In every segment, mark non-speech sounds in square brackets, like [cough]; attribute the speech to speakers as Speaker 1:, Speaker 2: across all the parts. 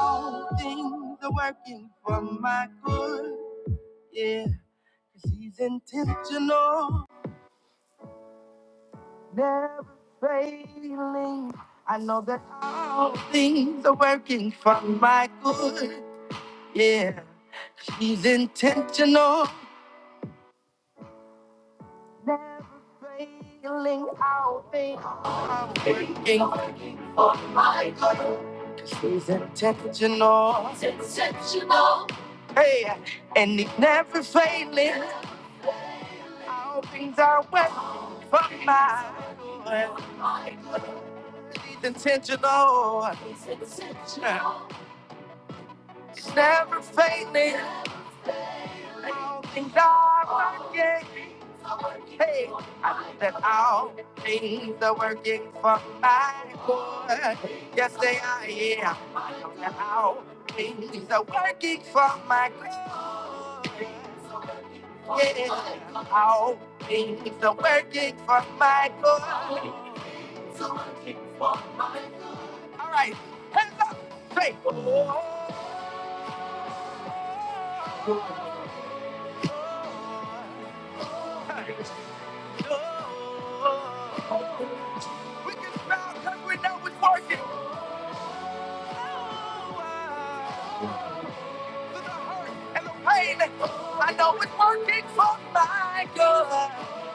Speaker 1: All things are working for my good. Yeah, 'cause he's intentional, never failing. I know that all things are working for my good. Yeah, 'cause he's intentional, never failing. All things are working. 'cause He's intentional, hey, and he's never failing. All things are wet from my good. It's intentional. It's never fading. All things are working. Hey, I think that all things are working for my good. Yes, they are. Yeah, I know that all things are working for my good. Yeah, all things are working for my good. All right. Hands up. Say. Oh, hey. We can smile because we know it's working. through the hurt and the pain. I know it's working for my good.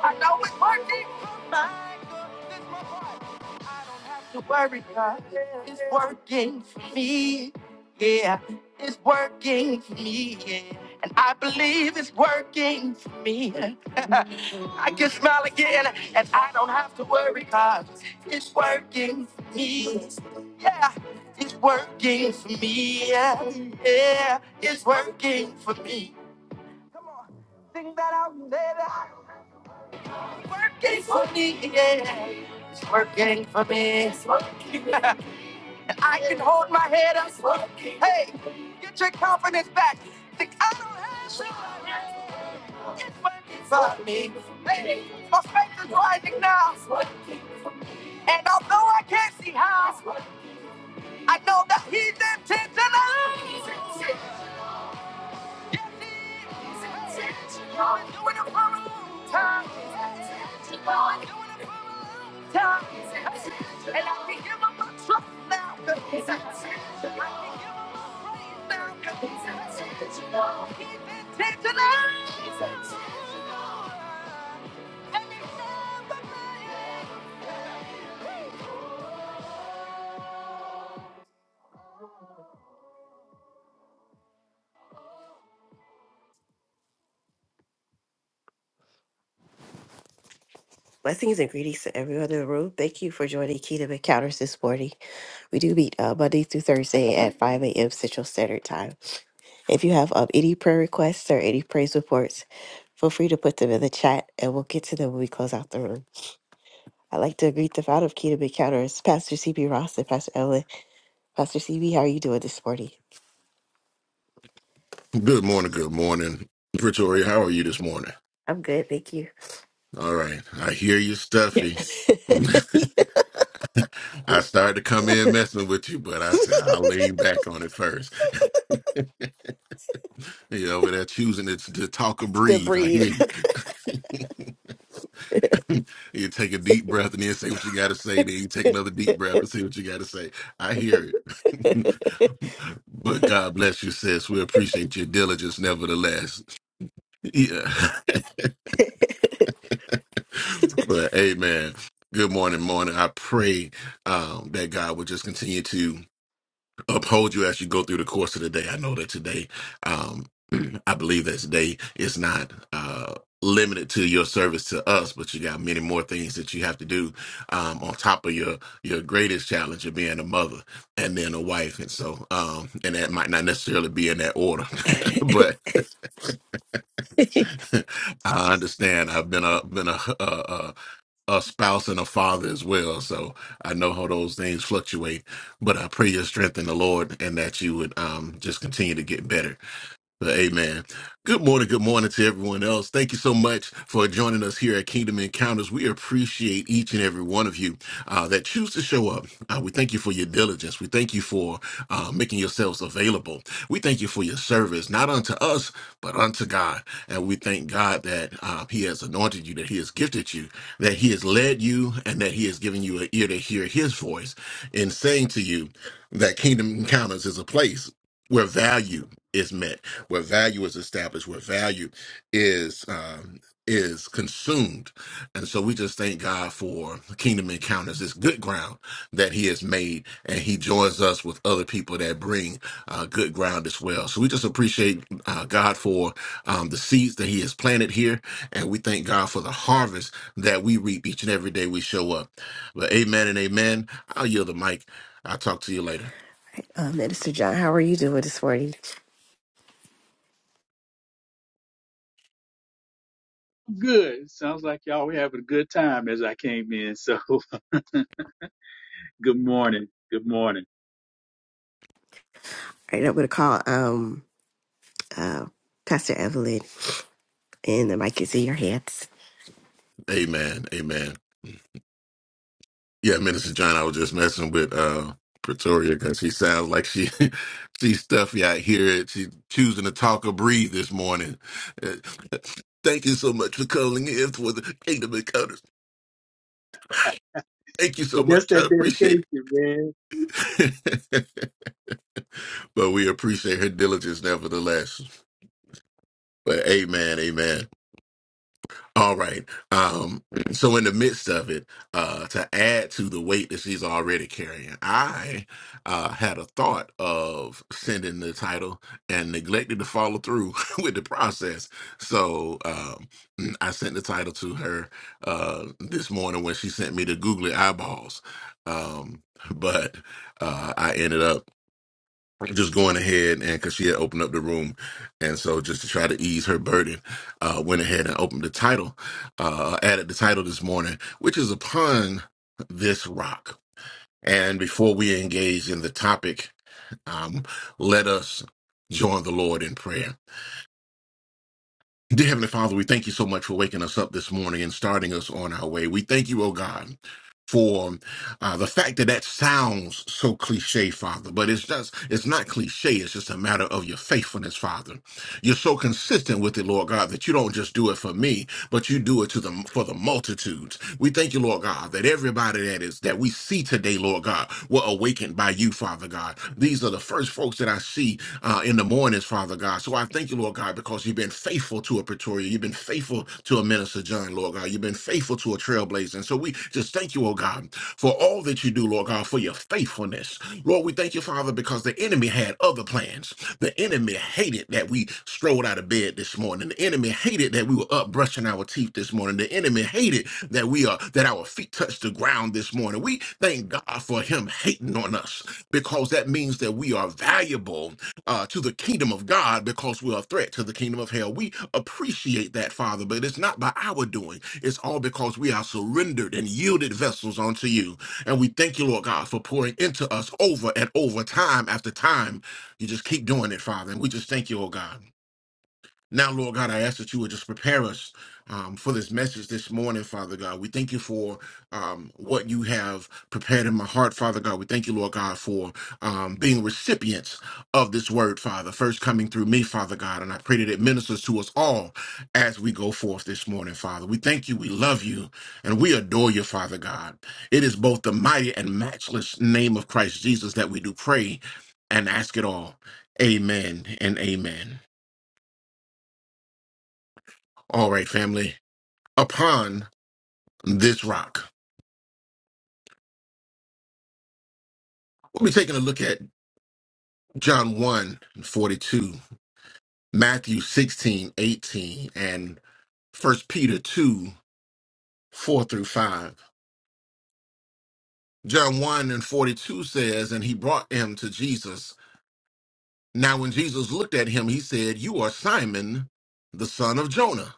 Speaker 1: I know it's working for my good. This is my part. I don't have to worry, God. It's working for me. Yeah, it's working for me. Yeah. And I believe it's working for me. [laughs] I can smile again, and I don't have to worry, God. It's working for me. Yeah, it's working for me. Yeah. Yeah, it's working for me. Come on, sing that out, baby. It's working for me. Yeah, it's working for me. It's working. [laughs] I can hold my head up. It's working. Hey, get your confidence back. Think I don't have to. It's working for me. Hey, my faith is rising now. It's working for me. And although I can't see how, I know that he's intentional. And I can give up my trust now, cause he's I can give up my praise now, cause he's intentional. Blessings and greetings to everyone in the room. Thank you for joining Kingdom Encounters this morning. We do meet uh, Monday through Thursday at 5 a.m. Central Standard Time. If you have um, any prayer requests or any praise reports, feel free to put them in the chat and we'll get to them when we close out the room. I'd like to greet the founder of Kingdom Encounters, Pastor CB Ross and Pastor Evelyn. Pastor CB, how are you doing this morning?
Speaker 2: Good morning, good morning. Pretoria, how are you this morning?
Speaker 1: I'm good, thank you.
Speaker 2: All right. I hear you
Speaker 1: [laughs]
Speaker 2: stuffy. [laughs] I started to come in messing with you, but I said I'll lean back on it first. You're over there choosing to, to talk or
Speaker 1: the
Speaker 2: breathe. I
Speaker 1: breathe.
Speaker 2: hear you. [laughs] you take a deep breath and then say what you got to say. Then you
Speaker 1: [laughs]
Speaker 2: take another deep breath and say what you got to say. I hear it. [laughs] but God bless you, sis. We appreciate your diligence, nevertheless. Yeah. [laughs] But amen. Good morning, morning. I pray um, that God will just continue to uphold you as you go through the course of the day. I know that today, um, [clears throat] I believe that today is not uh, limited to your service to us, but you got many more things that you have to do um, on top of your your greatest challenge of being a mother and then a wife, and so um, and that might not necessarily be in that order, [laughs] but [laughs] I understand. I've been a been a, a, a spouse and a father as well. So I know how those things fluctuate, but I pray your strength in the Lord and that you would um, just continue to get better. Well, Amen. Good morning. Good morning to everyone else. Thank you so much for joining us here at Kingdom Encounters. We appreciate each and every one of you uh, that choose to show up. Uh, we thank you for your diligence. We thank you for uh, making yourselves available. We thank you for your service, not unto us, but unto God. And we thank God that uh, He has anointed you, that He has gifted you, that He has led you, and that He has given you an ear to hear His voice in saying to you that Kingdom Encounters is a place where value is met where value is established, where value is um, is consumed, and so we just thank God for Kingdom Encounters, this good ground that He has made, and He joins us with other people that bring uh, good ground as well. So we just appreciate uh, God for um, the seeds that He has planted here, and we thank God for the harvest that we reap each and every day we show up. But Amen and Amen. I'll yield the mic. I'll talk to you later.
Speaker 1: uh, Minister John, how are you doing this morning?
Speaker 3: Good. Sounds like y'all were having a good time as I came in. So [laughs] good morning. Good morning.
Speaker 1: All right, I'm going to call um, uh, Pastor Evelyn, and the mic is in your hands.
Speaker 2: Amen. Amen. Yeah, Minister John, I was just messing with uh Pretoria because she sounds like she [laughs] she's stuffy I hear it. She's choosing to talk or breathe this morning. Uh, Thank you so much for calling in for the Kingdom Encounters. Thank you
Speaker 3: So
Speaker 2: so
Speaker 3: that's
Speaker 2: much. I
Speaker 3: that dedication,
Speaker 2: appreciate
Speaker 3: man.
Speaker 2: it. [laughs] but we appreciate her diligence nevertheless. But amen, amen. All right. Um, so in the midst of it, uh, to add to the weight that she's already carrying, I uh, had a thought of sending the title and neglected to follow through [laughs] with the process. So um, I sent the title to her uh, this morning when she sent me the googly eyeballs. Um, but uh, I ended up just going ahead and because she had opened up the room and so just to try to ease her burden uh went ahead and opened the title uh added the title this morning which is upon this rock and before we engage in the topic um let us join the lord in prayer Dear Heavenly Father, we thank you so much for waking us up this morning and starting us on our way. We thank you, oh God, for uh, the fact that that sounds so cliche, Father, but it's just, it's not cliche. It's just a matter of your faithfulness, Father. You're so consistent with it, Lord God, that you don't just do it for me, but you do it to the for the multitudes. We thank you, Lord God, that everybody that is that we see today, Lord God, were awakened by you, Father God. These are the first folks that I see uh, in the mornings, Father God. So I thank you, Lord God, because you've been faithful to a Pretoria, you've been faithful to a minister John, Lord God, you've been faithful to a trailblazer. And so we just thank you, oh God, for all that you do, Lord God, for your faithfulness. Lord, we thank you, Father, because the enemy had other plans. The enemy hated that we strolled out of bed this morning. The enemy hated that we were up brushing our teeth this morning. The enemy hated that we are that our feet touched the ground this morning. We thank God for him hating on us because that means that we are valuable uh, to the kingdom of God because we're a threat to the kingdom of hell. We appreciate that, Father, but it's not by our doing. It's all because we are surrendered and yielded vessels unto you. And we thank you, Lord God, for pouring into us over and over, time after time. You just keep doing it, Father. And we just thank you, oh God. Now, Lord God, I ask that you would just prepare us um, for this message this morning, Father God. We thank you for um, what you have prepared in my heart, Father God. We thank you, Lord God, for um, being recipients of this word, Father, first coming through me, Father God. And I pray that it ministers to us all as we go forth this morning, Father. We thank you, we love you, and we adore you, Father God. It is both the mighty and matchless name of Christ Jesus that we do pray and ask it all. Amen and amen. All right, family. upon this rock. We'll be taking a look at John 1 and 42, Matthew 16 18, and First Peter 2, 4 through 5. John 1 and 42 says, And he brought him to Jesus. Now, when Jesus looked at him, he said, 'You are Simon, the son of Jonah.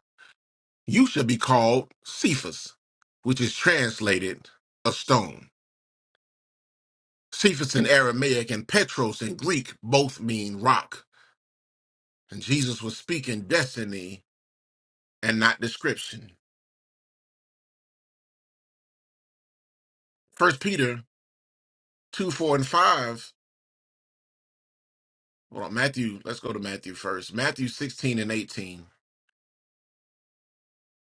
Speaker 2: You shall be called Cephas, which is translated a stone. Cephas in Aramaic and Petros in Greek both mean rock. And Jesus was speaking destiny and not description. First Peter 2, 4, and 5. Well, Matthew, let's go to Matthew first. Matthew 16 and 18.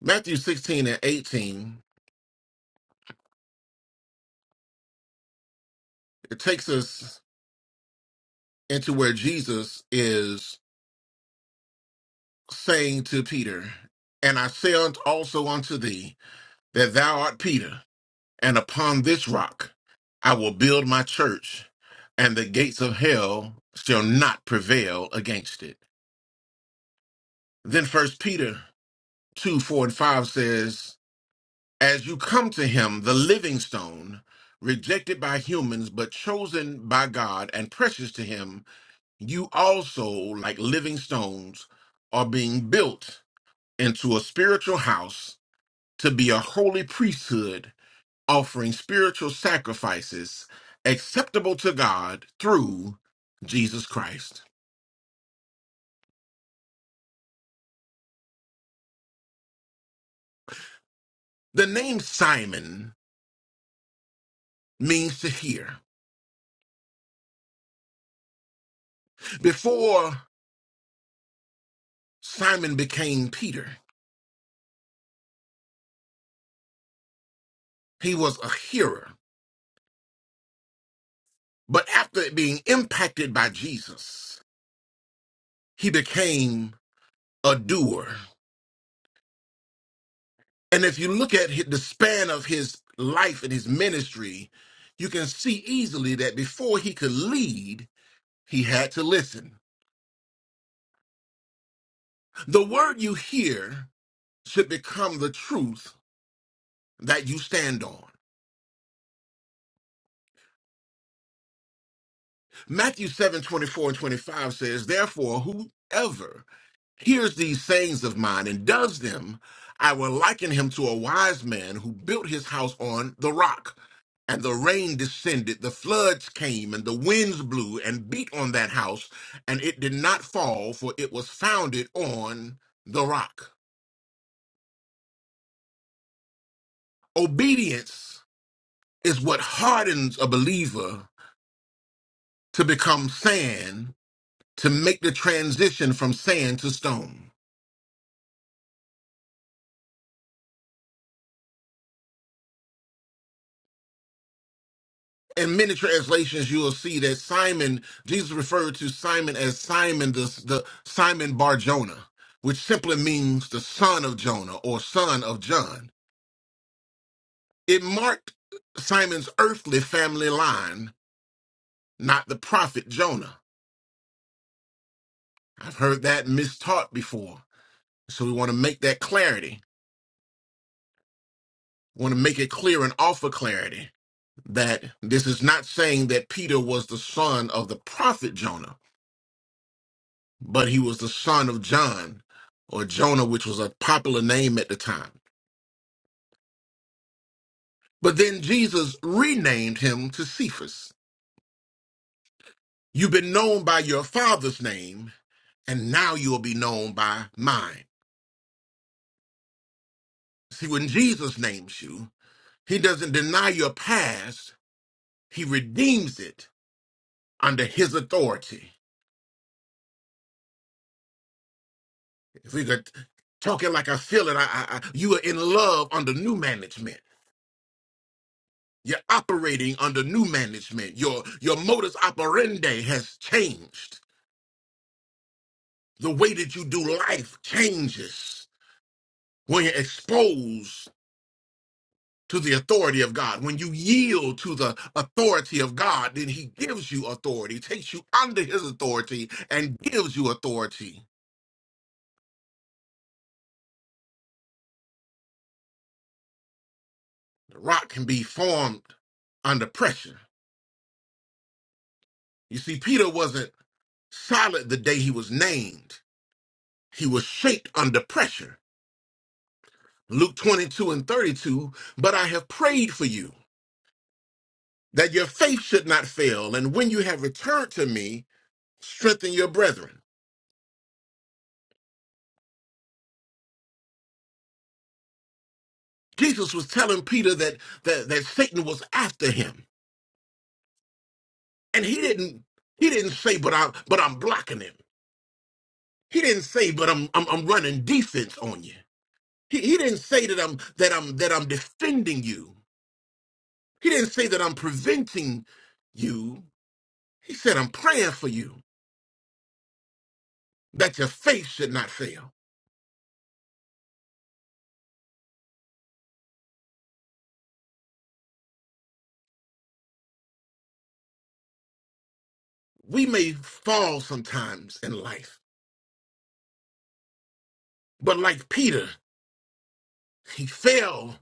Speaker 2: Matthew 16 and 18, it takes us into where Jesus is saying to Peter, And I say unto- also unto thee that thou art Peter, and upon this rock I will build my church, and the gates of hell shall not prevail against it. Then first Peter 2 4 and 5 says, As you come to him, the living stone, rejected by humans, but chosen by God and precious to him, you also, like living stones, are being built into a spiritual house to be a holy priesthood, offering spiritual sacrifices acceptable to God through Jesus Christ. The name Simon means to hear. Before Simon became Peter, He was a hearer. But after being impacted by Jesus, he became a doer. And if you look at hi- the span of his life and his ministry, you can see easily that before he could lead, he had to listen. The word you hear should become the truth that you stand on. Matthew 7 24 and 25 says, Therefore, whoever hears these sayings of mine and does them, I will liken him to a wise man who built his house on the rock. And the rain descended, the floods came, and the winds blew and beat on that house, and it did not fall, for it was founded on the rock. Obedience is what hardens a believer to become sand, to make the transition from sand to stone. in many translations you will see that Simon Jesus referred to Simon as Simon the, the Simon Bar Jonah, which simply means the son of Jonah or son of John. It marked Simon's earthly family line, not the prophet Jonah. I've heard that mistaught before, so we want to make that clarity. want to make it clear and offer clarity that this is not saying that Peter was the son of the prophet Jonah but he was the son of John or Jonah, which was a popular name at the time. But then Jesus renamed him to Cephas. You've been known by your father's name, and now you'll be known by mine. See, when Jesus names you, he doesn't deny your past, he redeems it under his authority. If we could talk it like I feel it, I, I, I, you are in love under new management. You're operating under new management. Your your modus operandi has changed. The way that you do life changes when you're exposed to the authority of God. When you yield to the authority of God, then he gives you authority, takes you under his authority and gives you authority. The rock can be formed under pressure. You see Peter wasn't solid the day he was named. He was shaped under pressure. Luke 22 and 32, but I have prayed for you that your faith should not fail. And when you have returned to me, strengthen your brethren. Jesus was telling Peter that, that, that Satan was after him. And he didn't, he didn't say, but I, but I'm blocking him. He didn't say, but I'm, I'm, I'm running defense on you. He, he didn't say that I'm, that I'm, that I'm defending you. He didn't say that I'm preventing you. He said, I'm praying for you that your faith should not fail. we may fall sometimes in life, but like Peter, he fell,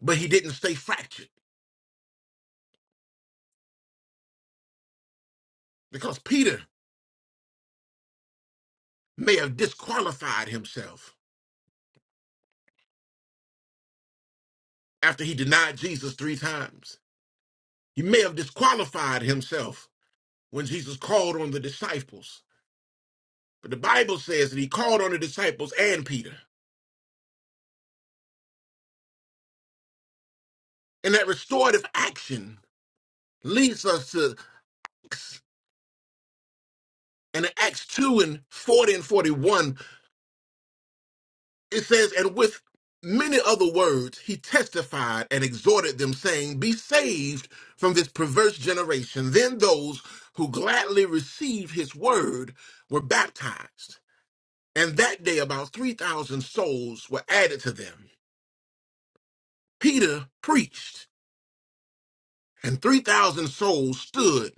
Speaker 2: but he didn't stay fractured because Peter may have disqualified himself after he denied Jesus three times. He may have disqualified himself when Jesus called on the disciples. But the Bible says that he called on the disciples and Peter. And that restorative action leads us to Acts. And in Acts 2 and 40 and 41, It says, and with many other words, he testified and exhorted them, saying, Be saved from this perverse generation. Then those who gladly received his word were baptized. And that day, about 3,000 souls were added to them. Peter preached, and 3,000 souls stood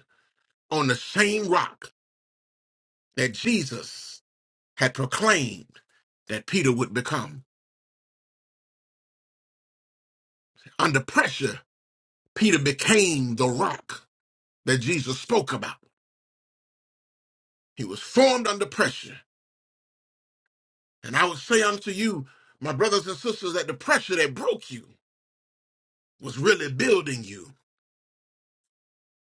Speaker 2: on the same rock that Jesus had proclaimed that Peter would become. Under pressure, Peter became the rock that Jesus spoke about. He was formed under pressure. And I would say unto you, my brothers and sisters, that the pressure that broke you was really building you.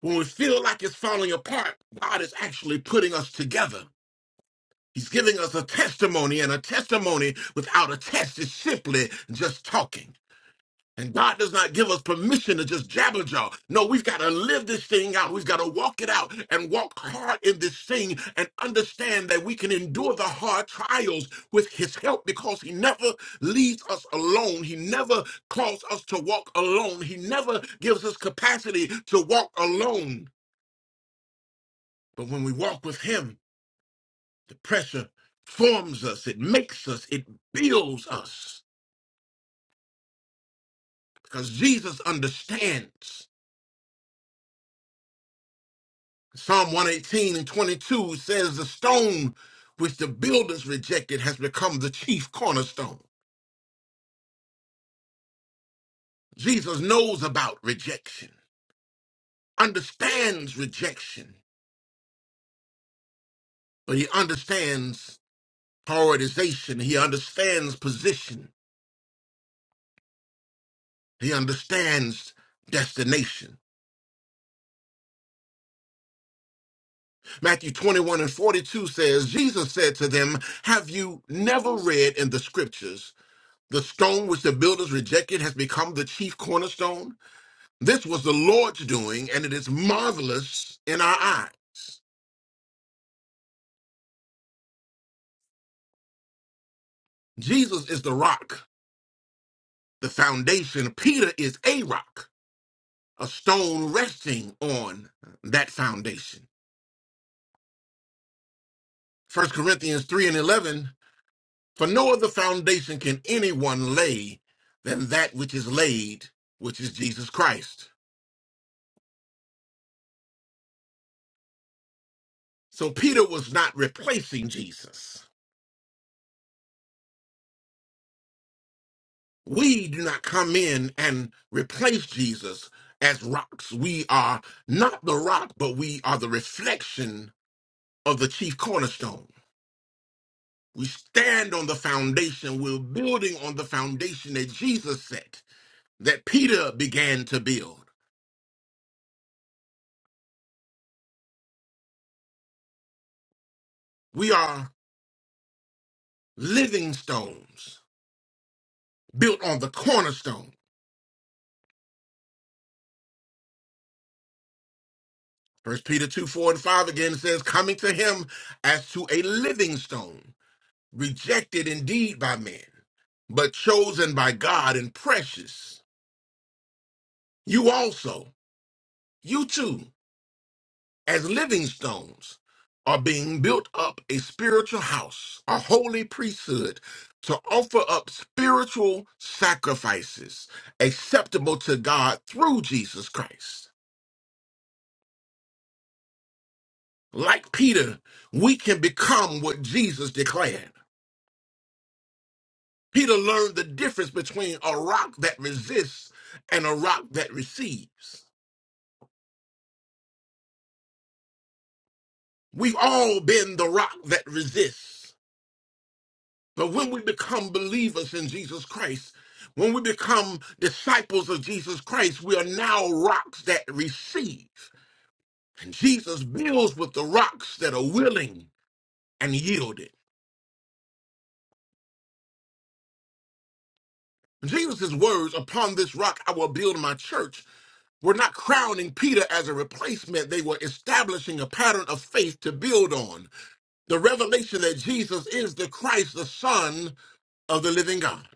Speaker 2: When we feel like it's falling apart, God is actually putting us together. He's giving us a testimony, and a testimony without a test is simply just talking. And God does not give us permission to just jabber jaw. No, we've got to live this thing out. We've got to walk it out and walk hard in this thing and understand that we can endure the hard trials with His help because He never leaves us alone. He never calls us to walk alone. He never gives us capacity to walk alone. But when we walk with Him, the pressure forms us, it makes us, it builds us because Jesus understands. Psalm 118 and 22 says, The stone which the builders rejected has become the chief cornerstone. Jesus knows about rejection, understands rejection, but he understands prioritization, he understands position, he understands destination. Matthew 21 and 42 says, Jesus said to them, Have you never read in the scriptures, the stone which the builders rejected has become the chief cornerstone? This was the Lord's doing, and it is marvelous in our eye. Jesus is the rock, the foundation. Peter is a rock, a stone resting on that foundation. First Corinthians 3 and 11 For no other foundation can anyone lay than that which is laid, which is Jesus Christ. So Peter was not replacing Jesus. We do not come in and replace Jesus as rocks. We are not the rock, but we are the reflection of the chief cornerstone. We stand on the foundation. We're building on the foundation that Jesus set, that Peter began to build. We are living stones built on the cornerstone. First Peter 2 4 and 5 again says, coming to him as to a living stone rejected indeed by men, but chosen by God and precious. You also, you too, as living stones, are being built up a spiritual house, a holy priesthood, to offer up spiritual sacrifices acceptable to God through Jesus Christ. Like Peter, we can become what Jesus declared. Peter learned the difference between a rock that resists and a rock that receives. We've all been the rock that resists. But when we become believers in Jesus Christ, when we become disciples of Jesus Christ, we are now rocks that receive. And Jesus builds with the rocks that are willing and yielded. Jesus' words, upon this rock I will build my church, were not crowning Peter as a replacement. They were establishing a pattern of faith to build on. The revelation that Jesus is the Christ, the Son of the living God.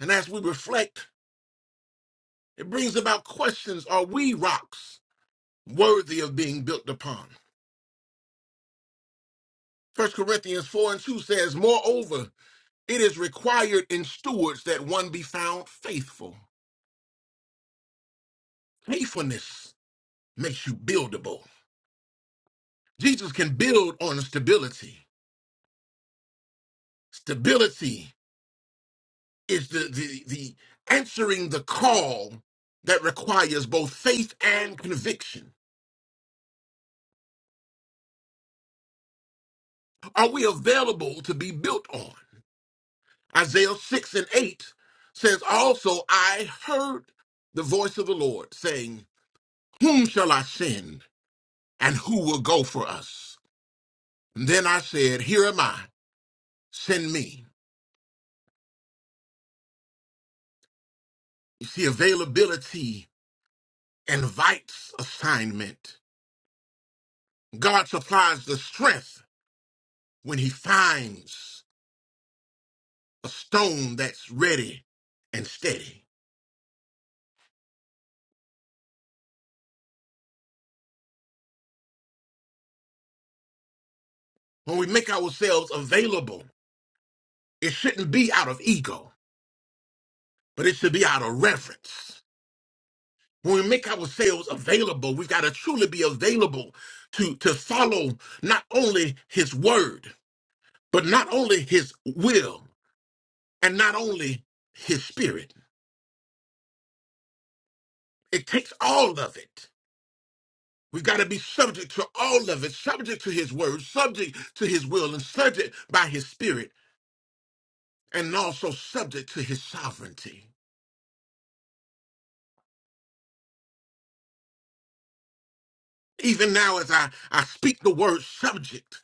Speaker 2: And as we reflect It brings about questions Are we rocks worthy of being built upon? First Corinthians 4 and 2 says, Moreover, it is required in stewards that one be found faithful. Faithfulness makes you buildable. Jesus can build on stability. Stability is the, the, the answering the call that requires both faith and conviction. Are we available to be built on? Isaiah 6 and 8 says, Also I heard the voice of the Lord saying, Whom shall I send, and who will go for us? And then I said, Here am I, send me. You see, availability invites assignment. God supplies the strength when he finds a stone that's ready and steady. When we make ourselves available, it shouldn't be out of ego, but it should be out of reverence. When we make ourselves available, we've got to truly be available to, to follow not only his word, but not only his will and not only his spirit. It takes all of it. We've got to be subject to all of it, subject to his word, subject to his will, and subject by his spirit, and also subject to his sovereignty. Even now, as I, I speak the word subject,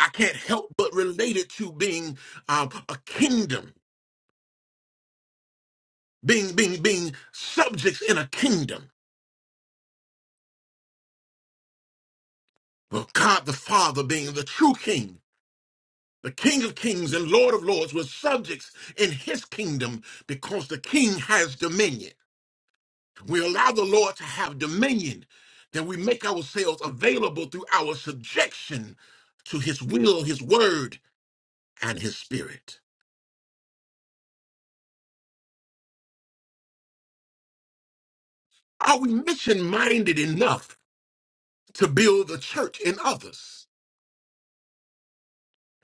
Speaker 2: I can't help but relate it to being um, a kingdom being being being subjects in a kingdom. Well, God the Father being the true King, the King of Kings and Lord of Lords, was subjects in His kingdom because the King has dominion. We allow the Lord to have dominion, then we make ourselves available through our subjection to His will, His word, and His Spirit. Are we mission minded enough to build the church in others?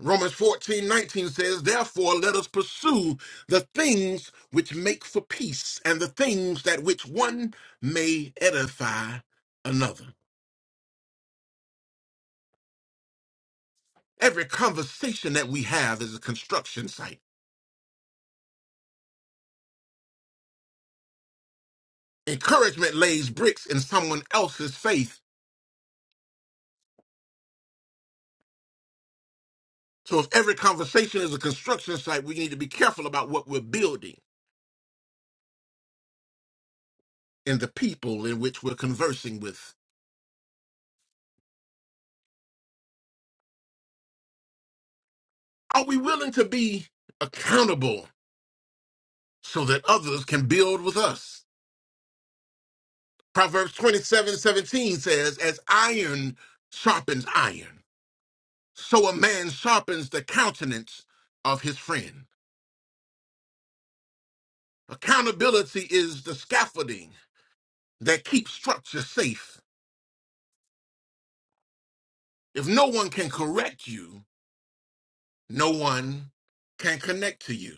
Speaker 2: Romans 14 19 says, Therefore let us pursue the things which make for peace and the things that which one may edify another. Every conversation that we have is a construction site. Encouragement lays bricks in someone else's faith. So if every conversation is a construction site, we need to be careful about what we're building and the people in which we're conversing with. Are we willing to be accountable so that others can build with us? Proverbs twenty-seven seventeen says, As iron sharpens iron, so a man sharpens the countenance of his friend. Accountability is the scaffolding that keeps structure safe. If no one can correct you, no one can connect to you.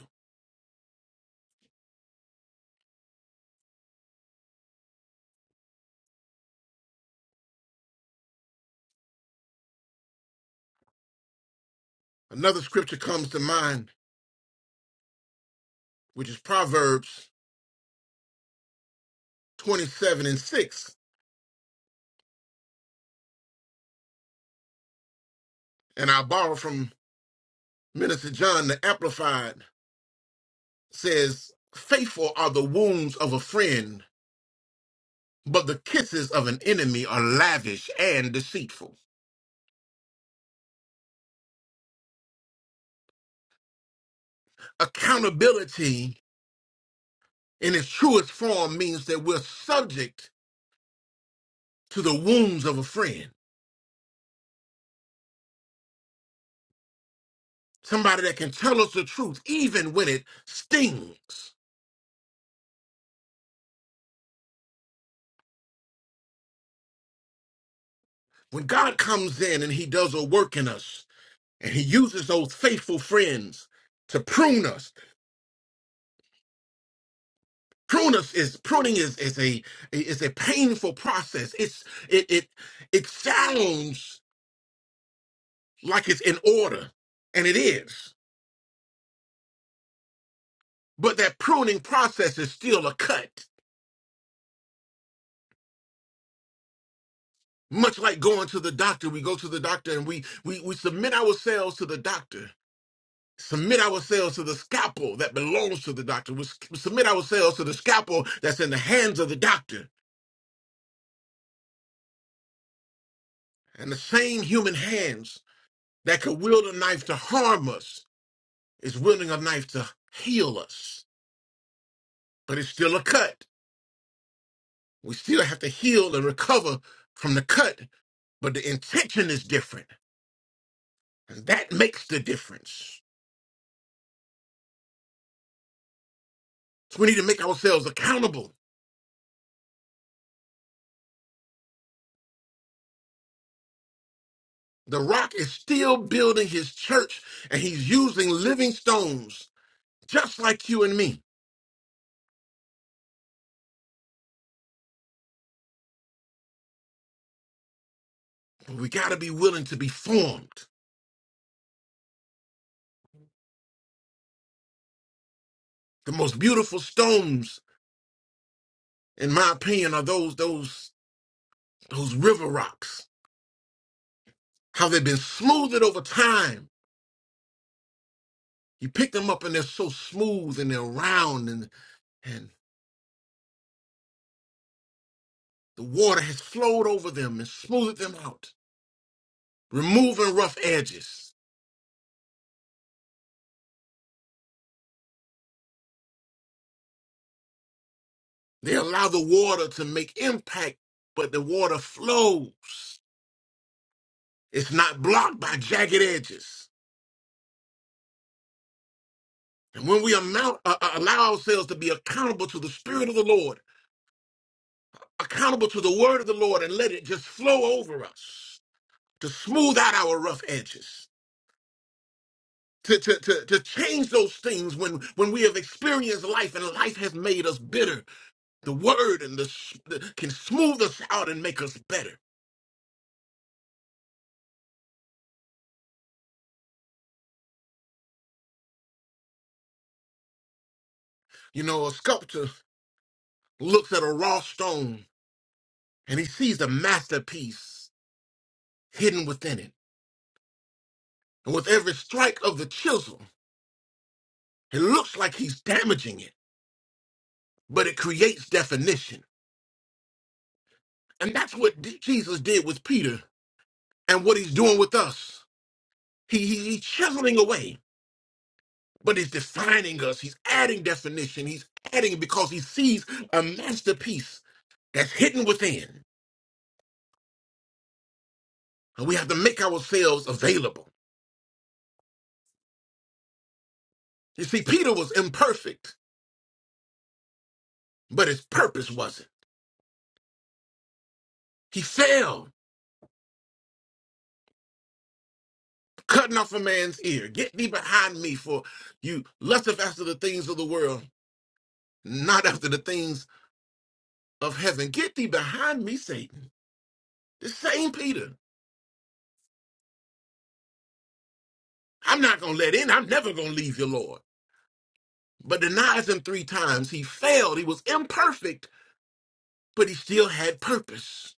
Speaker 2: Another scripture comes to mind, which is Proverbs 27 and 6. And I borrow from Minister John, the Amplified says, Faithful are the wounds of a friend but the kisses of an enemy are lavish and deceitful. Accountability in its truest form means that we're subject to the wounds of a friend, somebody that can tell us the truth even when it stings. When God comes in and he does a work in us and he uses those faithful friends to prune us. Prune us is pruning is, is a is a painful process. It's it it it sounds like it's in order, and it is But that pruning process is still a cut. Much like going to the doctor, we go to the doctor and we we, we submit ourselves to the doctor. Submit ourselves to the scalpel that belongs to the doctor. We s- submit ourselves to the scalpel that's in the hands of the doctor. And the same human hands that could wield a knife to harm us is wielding a knife to heal us. But it's still a cut. We still have to heal and recover from the cut, but the intention is different. And that makes the difference. So we need to make ourselves accountable. The rock is still building his church and he's using living stones just like you and me. But we got to be willing to be formed. The most beautiful stones, in my opinion, are those, those, those river rocks. How they've been smoothed over time. You pick them up and they're so smooth and they're round and, and the water has flowed over them and smoothed them out, removing rough edges. They allow the water to make impact, but the water flows. It's not blocked by jagged edges. And when we amount, uh, uh, allow ourselves to be accountable to the Spirit of the Lord, accountable to the Word of the Lord, and let it just flow over us to smooth out our rough edges, to, to, to, to change those things when, when we have experienced life and life has made us bitter. The Word and the, s- the can smooth us out and make us better. You know, a sculptor looks at a raw stone and he sees a masterpiece hidden within it. And with every strike of the chisel, it looks like he's damaging it, but it creates definition. And that's what D- Jesus did with Peter and what he's doing with us. He, he, he's chiseling away, but he's defining us. He's adding definition. He's adding because he sees a masterpiece that's hidden within. And we have to make ourselves available. You see, Peter was imperfect, but his purpose wasn't. He failed cutting off a man's ear. Get thee behind me, for you lusteth after the things of the world, not after the things of heaven. Get thee behind me, Satan. The same Peter. I'm not going to let in. I'm never going to leave your Lord. But denies him three times. He failed. He was imperfect, but he still had purpose.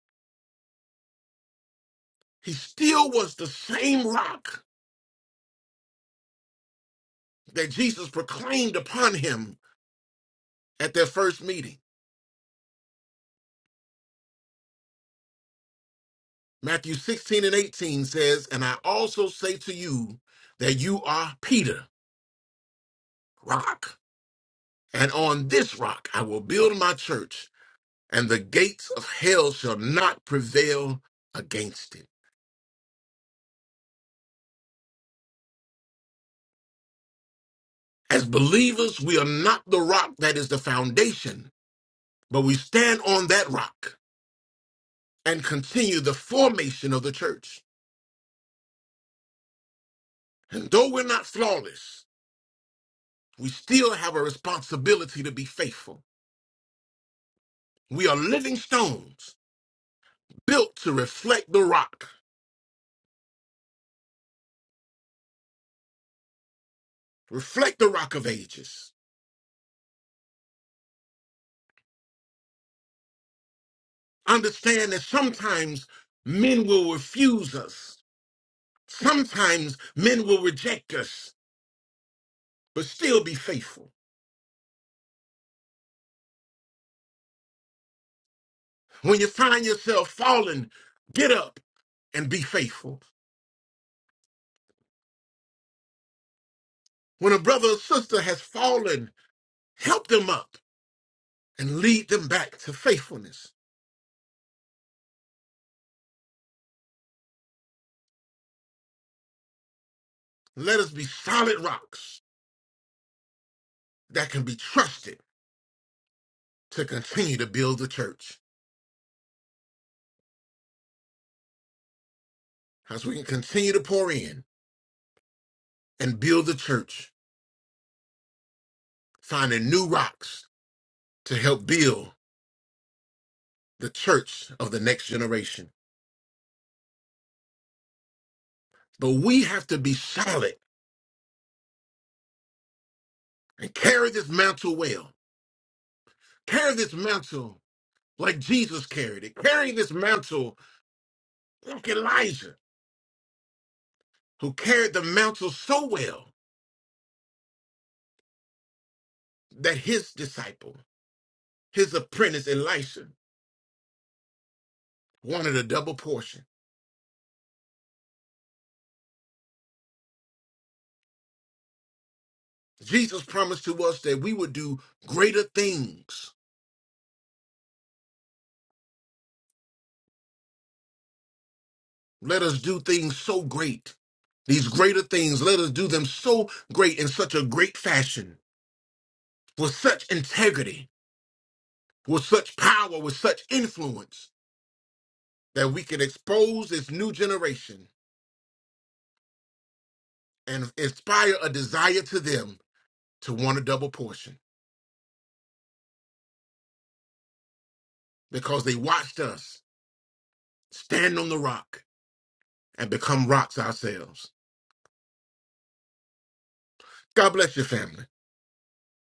Speaker 2: He still was the same rock that Jesus proclaimed upon him at their first meeting. Matthew 16 and 18 says, And I also say to you that you are Peter. rock. And on this rock I will build my church, and the gates of hell shall not prevail against it. As believers, we are not the rock that is the foundation, but we stand on that rock and continue the formation of the church. And though we're not flawless, we still have a responsibility to be faithful. We are living stones built to reflect the rock, reflect the rock of ages. understand that sometimes men will refuse us. Sometimes men will reject us, but still be faithful. When you find yourself falling, get up and be faithful. When a brother or sister has fallen, help them up and lead them back to faithfulness. Let us be solid rocks that can be trusted to continue to build the church. As we can continue to pour in and build the church, finding new rocks to help build the church of the next generation. But we have to be solid and carry this mantle well. Carry this mantle like Jesus carried it. Carry this mantle like Elijah, who carried the mantle so well that his disciple, his apprentice Elisha, wanted a double portion. Jesus promised to us that we would do greater things. Let us do things so great. These greater things, let us do them so great in such a great fashion, with such integrity, with such power, with such influence, that we can expose this new generation and inspire a desire to them to want a double portion because they watched us stand on the rock and become rocks ourselves. God bless your family.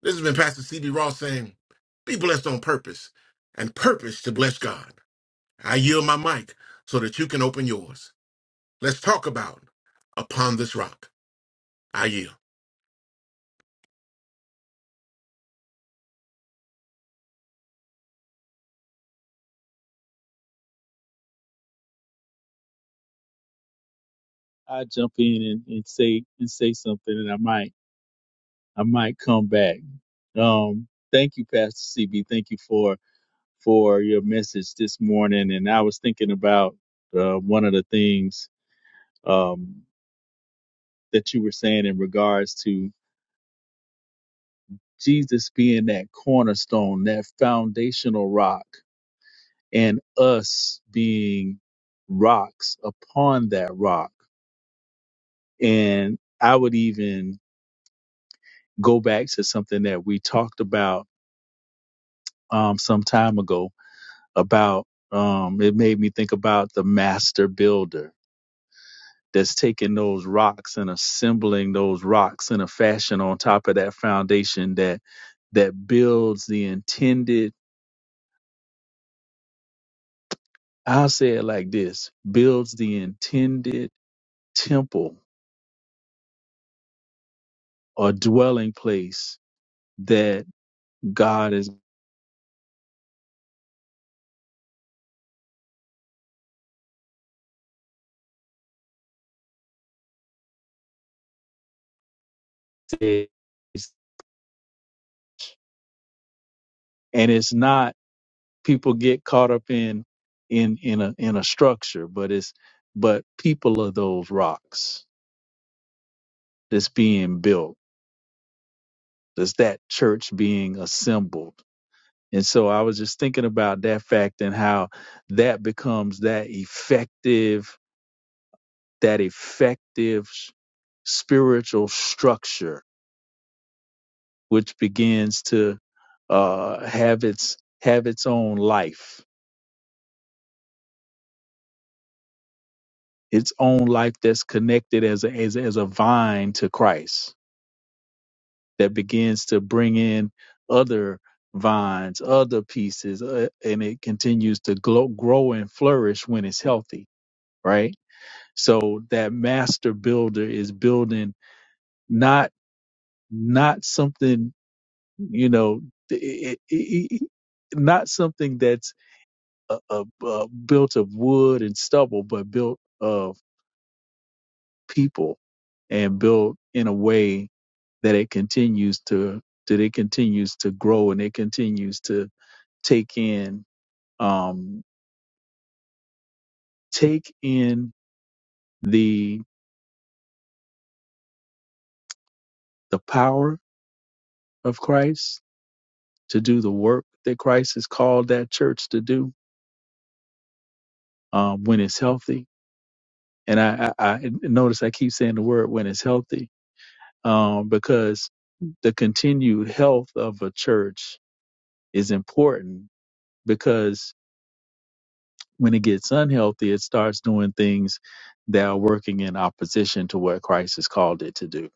Speaker 2: This has been Pastor CB Ross saying, Be blessed on purpose and purpose to bless God. I yield my mic so that you can open yours. Let's talk about Upon This Rock. I yield.
Speaker 3: I jump in and, and say and say something and I might I might come back. Um thank you, Pastor C B. Thank you for for your message this morning. And I was thinking about uh, one of the things um that you were saying in regards to Jesus being that cornerstone, that foundational rock and us being rocks upon that rock. And I would even go back to something that we talked about um, some time ago about um, it made me think about the master builder that's taking those rocks and assembling those rocks in a fashion on top of that foundation that that builds the intended I'll say it like this builds the intended temple or dwelling place that. God is and it's not people get caught up in in in a in a structure, but it's but people are those rocks that's being built. That's that church being assembled. And so I was just thinking about that fact and how that becomes that effective that effective s- spiritual structure which begins to uh, have its have its own life its own life that's connected as a, as, as a vine to Christ that begins to bring in other vines, other pieces, uh, and it continues to glow, grow and flourish when it's healthy, right? So that master builder is building not not something you know it, it, it- not something that's uh, uh, uh, built of wood and stubble, but built of people and built in a way that it continues to that it continues to grow and it continues to take in um take in the the power of Christ to do the work that Christ has called that church to do um when it's healthy and I, I, I notice I keep saying the word when it's healthy um because the continued health of a church is important because. when it gets unhealthy, it starts doing things that are working in opposition to what Christ has called it to do.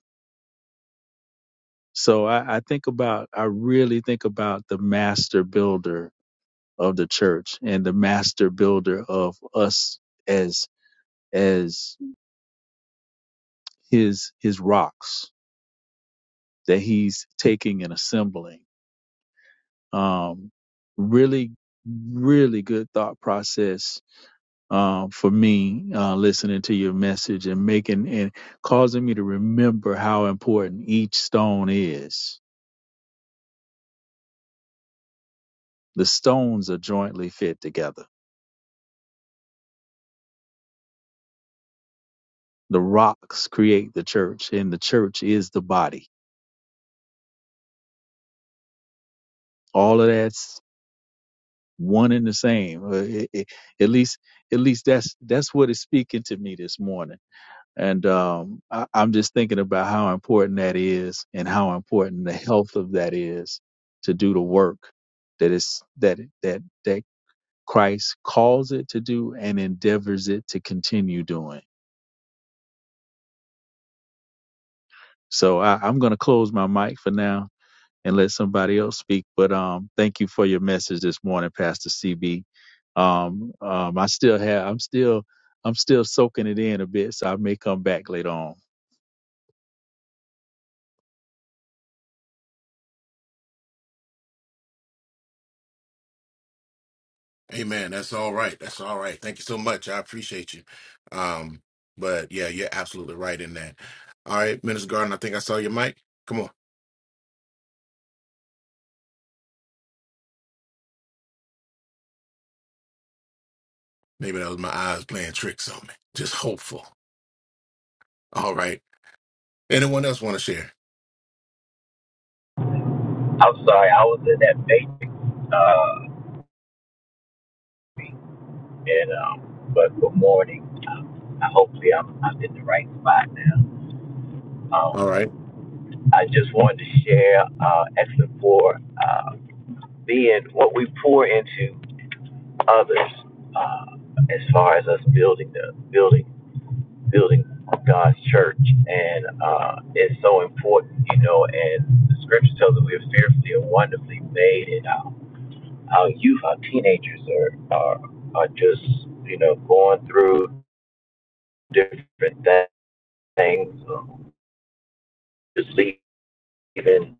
Speaker 3: So I, I think about, I really think about the master builder of the church and the master builder of us as as his his rocks that he's taking and assembling. Um, really, really good thought process uh, for me uh, listening to your message and making and causing me to remember how important each stone is. The stones are jointly fit together. The rocks create the church, and the church is the body. All of that's one and the same. Uh, it- it- at least, at least that's that's what is speaking to me this morning And um, I, I'm just thinking about how important that is and how important the health of that is to do the work that is that that that Christ calls it to do and endeavors it to continue doing. So I, I'm going to close my mic for now and let somebody else speak. But um, thank you for your message this morning, Pastor CB. Um, um, I still have, I'm still, I'm still soaking it in a bit, so I may come back later on.
Speaker 2: Amen. That's all right. That's all right. Thank you so much. I appreciate you. Um, but yeah, you're absolutely right in that. All right, Minister Garden, I think I saw your mic. Come on. Maybe that was my eyes playing tricks on me. Just hopeful. All right. Anyone else want to share?
Speaker 4: I'm sorry, I was in that matrix. Uh, and um, but good morning. Um, I- hopefully, I'm I'm in the right spot now.
Speaker 2: All
Speaker 4: Um,
Speaker 2: right.
Speaker 4: I just wanted to share uh, excellent for uh, being what we pour into others uh, as far as us building the building building God's church and uh, it's so important you know and the scripture tells us we are fearfully and wonderfully made our youth, our teenagers are are, are just you know going through different things, um, just leaving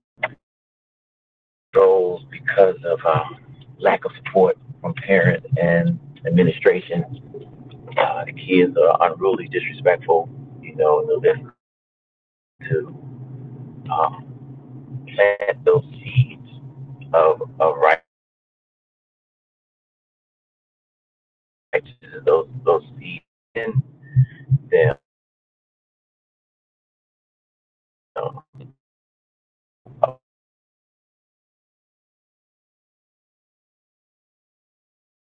Speaker 4: goals because of um, lack of support from parents and administration. Uh, the kids are unruly, disrespectful, you know, and they're left to um, plant those seeds of, of righteousness, those those seeds in them. Um,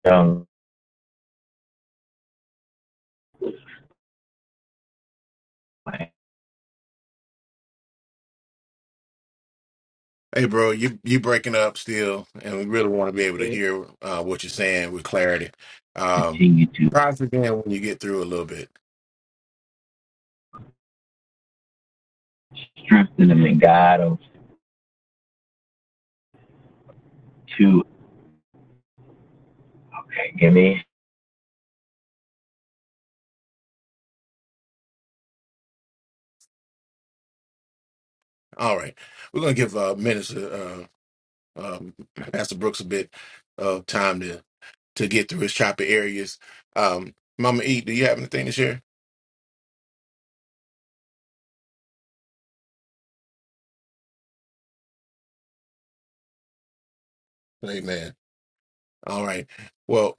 Speaker 4: um,
Speaker 2: Hey, bro, you you breaking up still, and we really want to be able to
Speaker 3: Yeah,
Speaker 2: hear uh, what you're saying with clarity. Um,
Speaker 4: continue to.
Speaker 2: try us again when you get through a little bit.
Speaker 4: strengthening the God of two. Okay, give me.
Speaker 2: All right. We're gonna give uh, Minister uh, um, Pastor Brooks a bit of time to get through his chopper areas. Um, Mama E, do you have anything to share? Amen. All right. Well,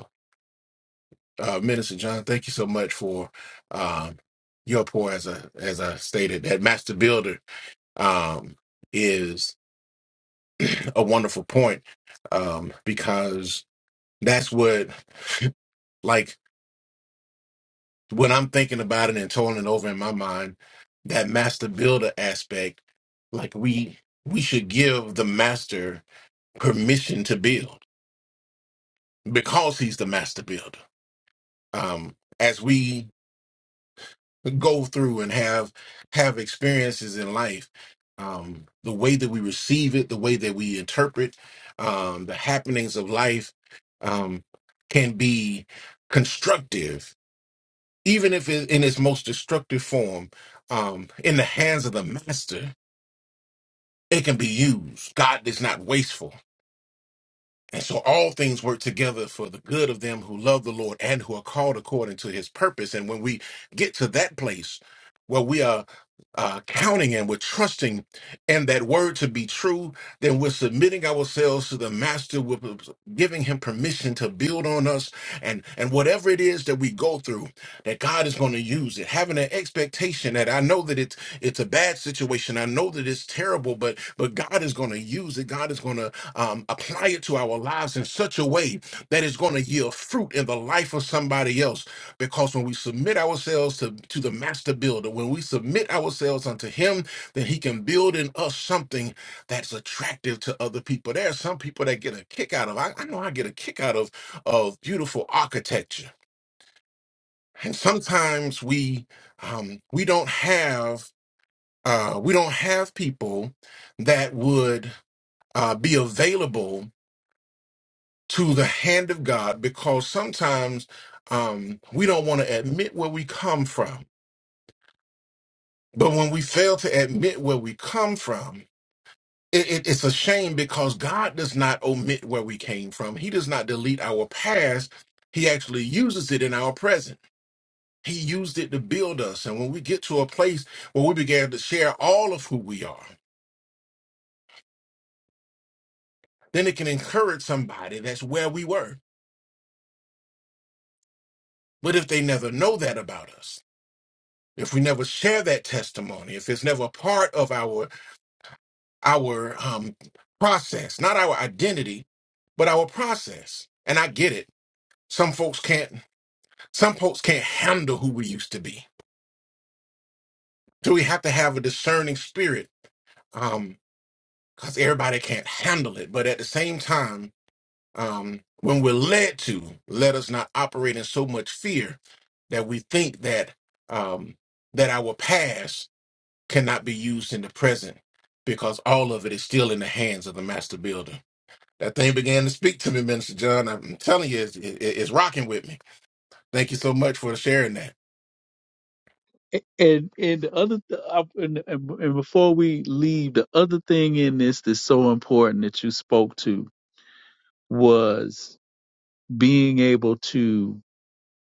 Speaker 2: uh, Minister John, thank you so much for um, your pour. As I as I stated, that master builder um, is a wonderful point um, because that's what like when I'm thinking about it and turning over in my mind, that master builder aspect, like we we should give the master permission to build because he's the master builder. Um, as we go through and have have experiences in life, um, the way that we receive it, the way that we interpret um, the happenings of life um, can be constructive, even if it, in its most destructive form, um, in the hands of the master. It can be used. God is not wasteful. And so all things work together for the good of them who love the Lord and who are called according to his purpose. And when we get to that place where we are uh, counting and we're trusting in that word to be true, then we're submitting ourselves to the master, we're giving him permission to build on us. And, and whatever it is that we go through, that God is going to use it, having an expectation that I know that it's, it's a bad situation. I know that it's terrible, but, but God is going to use it. God is going to um, apply it to our lives in such a way that it's going to yield fruit in the life of somebody else. Because when we submit ourselves to, to the master builder, when we submit ourselves unto him, then he can build in us something that's attractive to other people. There are some people that get a kick out of, I, I know I get a kick out of, of beautiful architecture. And sometimes we um, we don't have uh, we don't have people that would uh, be available to the hand of God because sometimes um, we don't want to admit where we come from. But when we fail to admit where we come from, it, it- it's a shame because God does not omit where we came from. He does not delete our past. He actually uses it in our present. He used it to build us. And when we get to a place where we began to share all of who we are, then it can encourage somebody that's where we were. But if they never know that about us, if we never share that testimony, if it's never a part of our our um, process, not our identity, but our process. And I get it. Some folks can't. Some folks can't handle who we used to be. So we have to have a discerning spirit, um, because everybody can't handle it. But at the same time, um, when we're led to, let us not operate in so much fear that we think that um, that our past cannot be used in the present because all of it is still in the hands of the master builder. That thing began to speak to me, Minister John. I'm telling you, it's, it- it's rocking with me. Thank you so much for sharing that.
Speaker 3: a- and and the other th- I- and, and and before we leave, the other thing in this that's so important that you spoke to was being able to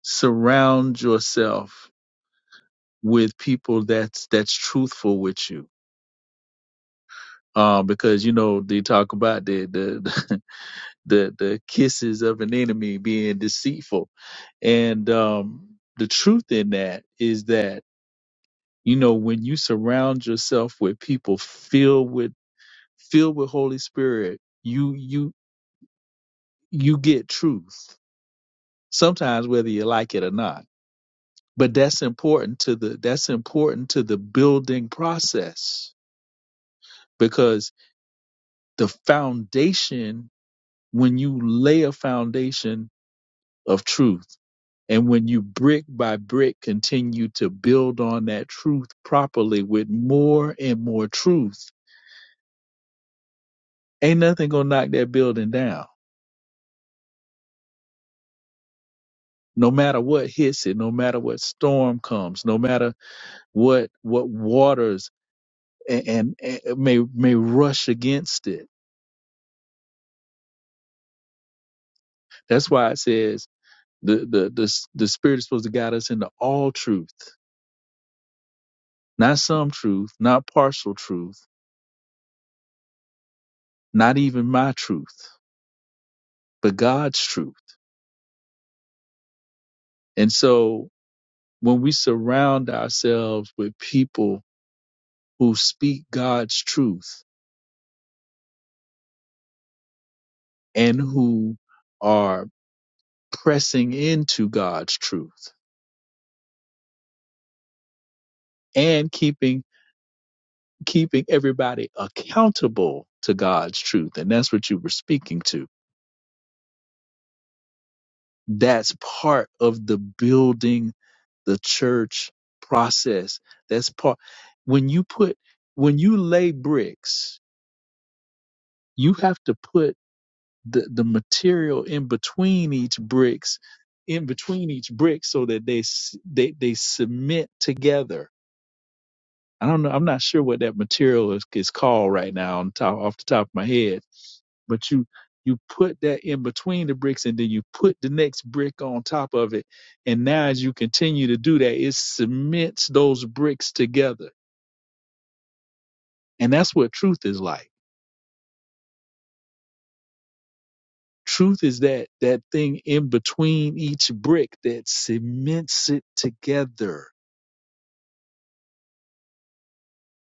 Speaker 3: surround yourself with people that's that's truthful with you um because you know they talk about the the [laughs] the, the kisses of an enemy being deceitful and um the truth in that is that you know when you surround yourself with people filled with filled with holy spirit you you you get truth sometimes whether you like it or not but that's important to the that's important to the building process because the foundation when you lay a foundation of truth and when you brick by brick continue to build on that truth properly with more and more truth ain't nothing gonna knock that building down no matter what hits it no matter what storm comes no matter what what waters and, and, and may may rush against it that's why it says The, the, the, the Spirit is supposed to guide us into all truth, not some truth, not partial truth, not even my truth, but God's truth. And so when we surround ourselves with people who speak God's truth and who are pressing into God's truth and keeping keeping everybody accountable to God's truth and that's what you were speaking to That's part of the building the church process. That's part when you put when you lay bricks, you have to put the, the material in between each bricks, in between each brick so that they s- they they submit together I don't know. I'm not sure what that material is, is called right now on top off the top of my head. But you you put that in between the bricks and then you put the next brick on top of it. And now as you continue to do that, it cements those bricks together. And that's what truth is like. Truth is that that thing in between each brick that cements it together.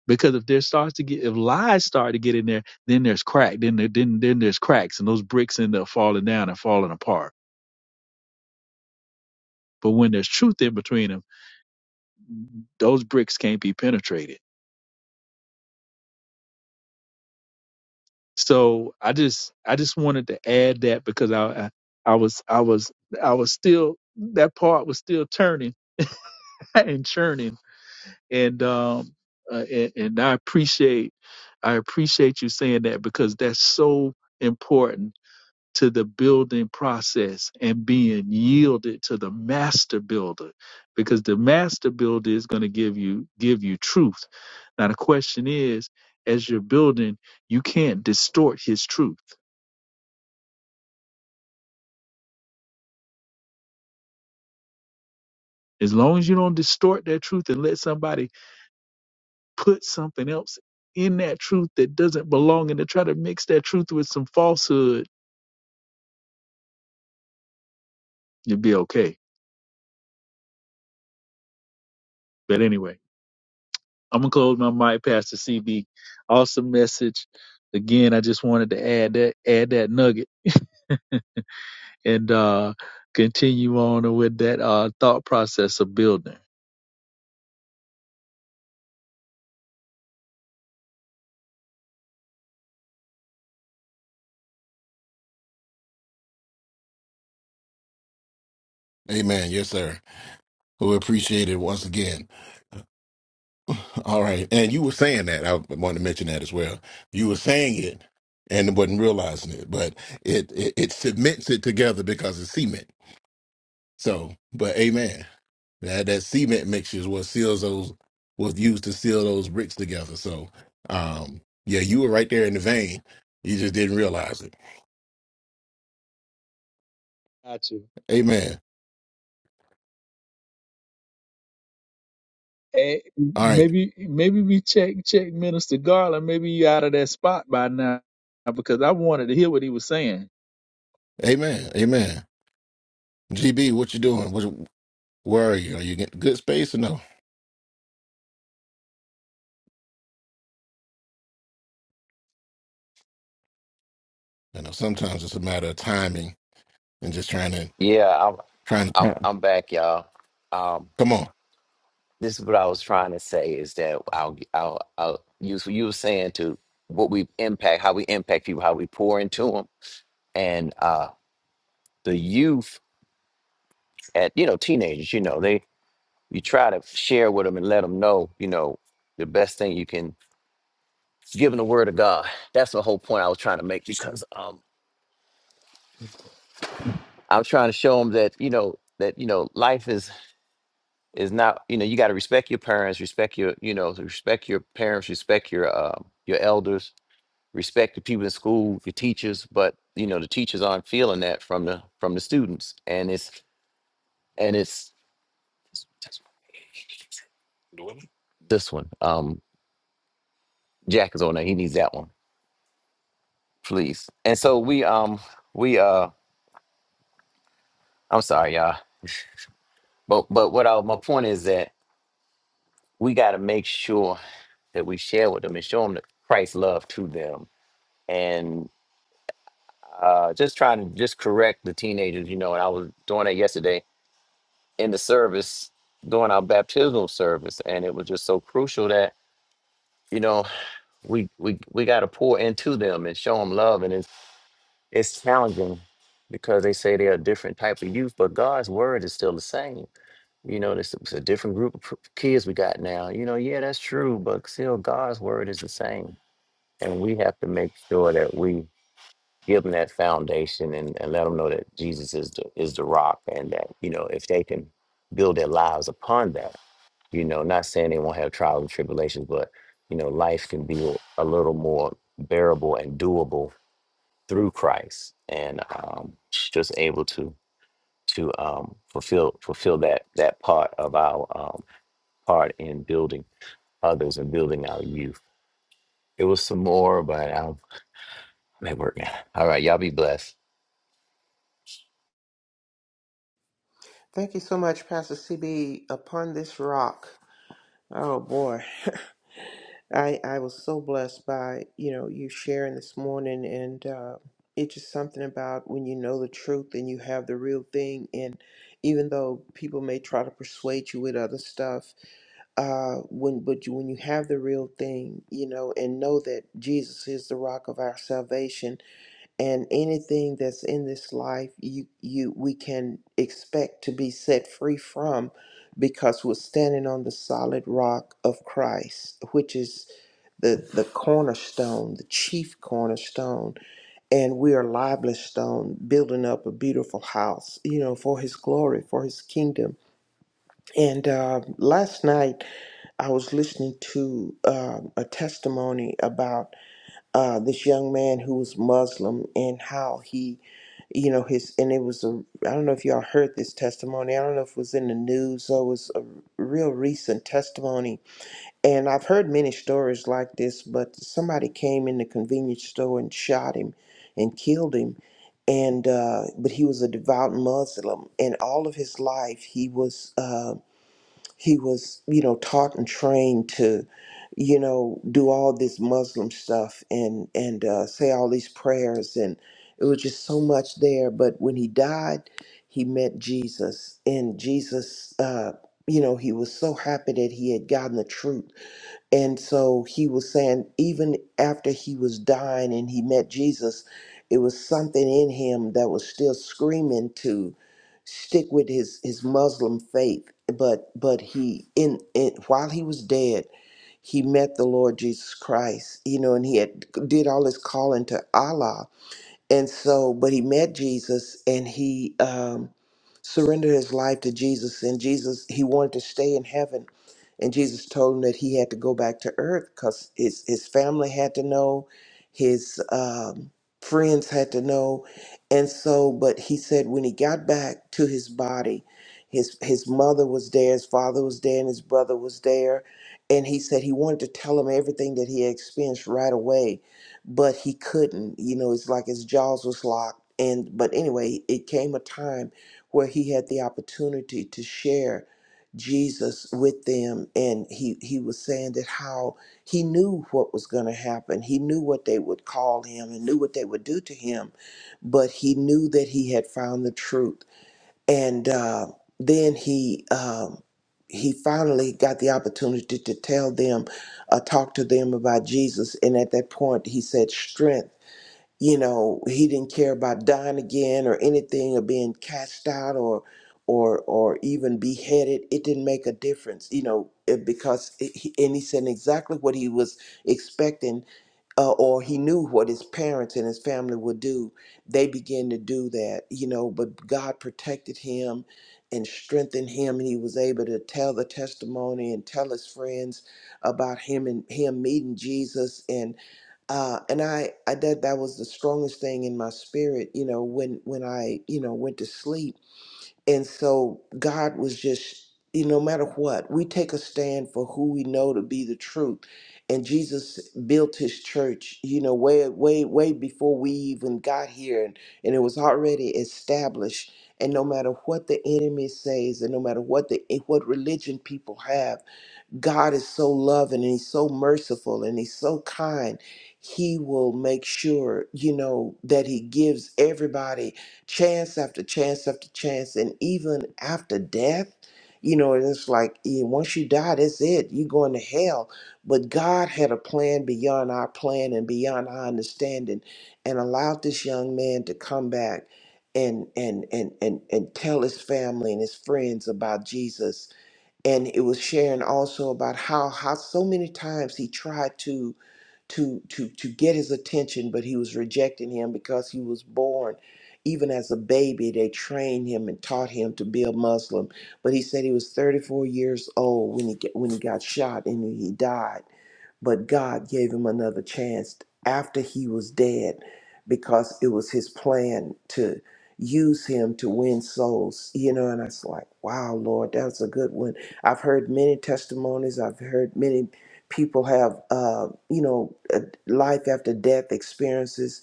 Speaker 3: Because if there starts to get if lies start to get in there, then there's crack. Then there, then then there's cracks, and those bricks end up falling down and falling apart. But when there's truth in between them, those bricks can't be penetrated. So I just I just wanted to add that because I I, I was I was I was still that part was still turning [laughs] and churning, and um uh, and, and I appreciate I appreciate you saying that because that's so important to the building process and being yielded to the master builder because the master builder is going to give you give you truth now the question is as you're building you can't distort his truth as long as you don't distort that truth and let somebody put something else in that truth that doesn't belong and to try to mix that truth with some falsehood you'll be okay but anyway I'm gonna close my mic, Pastor CB. Awesome message. Again, I just wanted to add that add that nugget and uh, continue on with that uh, thought process of building.
Speaker 2: Amen. Yes, sir. We appreciate it once again. [laughs] All right. And you were saying that. I wanted to mention that as well. You were saying it and wasn't realizing it, but it, it, it cements it together because it's cement. So, but amen. That that cement mixture is what seals those was used to seal those bricks together. So, um, yeah, you were right there in the vein. You just didn't realize it.
Speaker 3: Got you.
Speaker 2: Amen.
Speaker 3: Eh,
Speaker 2: All right.
Speaker 3: maybe maybe we check check Minister Garland. Maybe you out of that spot by now because I wanted to hear what he was saying.
Speaker 2: Amen. Amen. GB, what you doing? What, where are you? Are you getting good space or no? I know sometimes it's a matter of timing and just trying to
Speaker 4: Yeah, I'm
Speaker 2: trying
Speaker 4: I'm
Speaker 2: to
Speaker 4: I'm back, y'all. Um,
Speaker 2: come on.
Speaker 4: this is what I was trying to say is that I'll I'll, I'll use what you were saying to what we impact, how we impact people, how we pour into them, and uh, the youth at you know teenagers, you know they you try to share with them and let them know, you know, the best thing you can give them the word of God. That's the whole point I was trying to make because um, I'm trying to show them that you know that you know life is. is not you know you got to respect your parents respect your you know respect your parents respect your um your elders respect the people in school your teachers but you know the teachers aren't feeling that from the from the students and it's and it's this one um jack is on there he needs that one please and so we um we uh i'm sorry y'all but but what I, my point is that we got to make sure that we share with them and show them that Christ's love to them and. uh, just trying to just correct the teenagers, you know. And I was doing that yesterday in the service, doing our baptismal service, and it was just so crucial that you know we we we got to pour into them and show them love, and it's it's challenging because they say they're a different type of youth, but God's word is still the same. You know, this it's a different group of p- kids we got now. You know, yeah, that's true, but still God's word is the same, and we have to make sure that we give them that foundation and, and let them know that Jesus is the is the rock and that you know if they can build their lives upon that, you know, not saying they won't have trials and tribulations, but you know, life can be a little more bearable and doable through Christ, and um, just able to to um, fulfill fulfill that that part of our um, part in building others and building our youth. It was some more, but I'm I'm at work now. All right, y'all be blessed.
Speaker 5: Thank you so much, Pastor CB. Upon this rock. Oh boy, I I was so blessed by you know you sharing this morning, and uh, it's just something about when you know the truth and you have the real thing. And even though people may try to persuade you with other stuff, uh, when but you, when you have the real thing, you know, and know that Jesus is the rock of our salvation, and anything that's in this life you you we can expect to be set free from because we're standing on the solid rock of Christ which is the the cornerstone the chief cornerstone and we are lively stone building up a beautiful house you know for his glory for his kingdom and uh, last night I was listening to um, a testimony about uh, this young man who was Muslim and how he, you know, his and it was a I don't know if y'all heard this testimony. I don't know if it was in the news or it was a real recent testimony. And I've heard many stories like this, but somebody came in the convenience store and shot him and killed him. And uh, but he was a devout Muslim, and all of his life he was. um, he was you know taught and trained to you know do all this muslim stuff and and uh, say all these prayers and it was just so much there but when he died he met jesus and jesus uh, you know he was so happy that he had gotten the truth and so he was saying, even after he was dying and he met Jesus, it was something in him that was still screaming to stick with his, his Muslim faith. But but he in, in while he was dead, he met the Lord Jesus Christ, you know, and he had did all his calling to Allah and so, but he met Jesus and he um, surrendered his life to Jesus. And Jesus, he wanted to stay in heaven. And Jesus told him that he had to go back to earth because his, his family had to know, his um, friends had to know. And so, but he said when he got back to his body, his, his mother was there, his father was there, and his brother was there. And he said he wanted to tell him everything that he had experienced right away but he couldn't. You know, it's like his jaws was locked. And but anyway, it came a time where he had the opportunity to share Jesus with them, and he he was saying that how he knew what was going to happen. He knew what they would call him and knew what they would do to him, but he knew that he had found the truth and uh, then he um, he finally got the opportunity to tell them, uh, talk to them about Jesus. And at that point, he said, "Strength." You know, he didn't care about dying again or anything, or being cast out, or or or even beheaded. It didn't make a difference. You know, it- because it, he, and he said exactly what he was expecting uh, or he knew what his parents and his family would do, they began to do that, you know. But God protected him and strengthened him, and he was able to tell the testimony and tell his friends about him and him meeting Jesus. And uh, and I, I that that was the strongest thing in my spirit, you know, when when I you know went to sleep and so God was just, you know, no matter what, we take a stand for who we know to be the truth. And Jesus built his church, you know, way, way, way before we even got here. And, and it was already established. And no matter what the enemy says, and no matter what the what religion people have, God is so loving and he's so merciful and he's so kind. He will make sure, you know, that he gives everybody chance after chance after chance. And even after death, you know, and it's like yeah, once you die, that's it. You're going to hell. But God had a plan beyond our plan and beyond our understanding and allowed this young man to come back and and and and, and tell his family and his friends about Jesus and it was sharing also about how how so many times he tried to to to to get his attention but he was rejecting him because he was born even as a baby they trained him and taught him to be a muslim but he said he was 34 years old when he get, when he got shot and he died but God gave him another chance after he was dead because it was his plan to use him to win souls, you know. And I was like, wow, Lord, that's a good one. I've heard many testimonies, I've heard many people have, uh, you know, uh, life after death experiences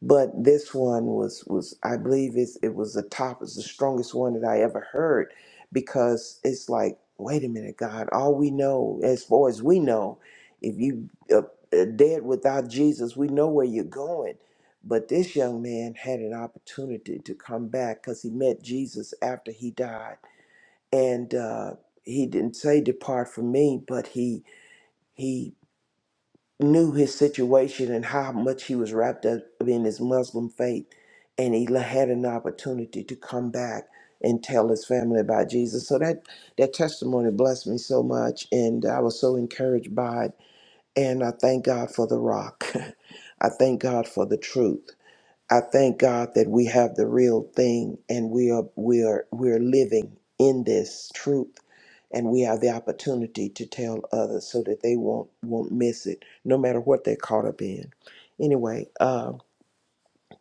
Speaker 5: but this one was was I believe it's it was the top it's the strongest one that I ever heard because it's like wait a minute God all we know as far as we know if you uh, uh, dead without Jesus we know where you're going but this young man had an opportunity to come back because he met Jesus after he died and uh, he didn't say depart from me but he he knew his situation and how much he was wrapped up in his Muslim faith, and he la- had an opportunity to come back and tell his family about Jesus. So that that testimony blessed me so much, and I was so encouraged by it. And I thank God for the rock. [laughs] I thank God for the truth. I thank God that we have the real thing and we are we are we're living in this truth and we have the opportunity to tell others so that they won't won't miss it no matter what they're caught up in. Anyway, uh,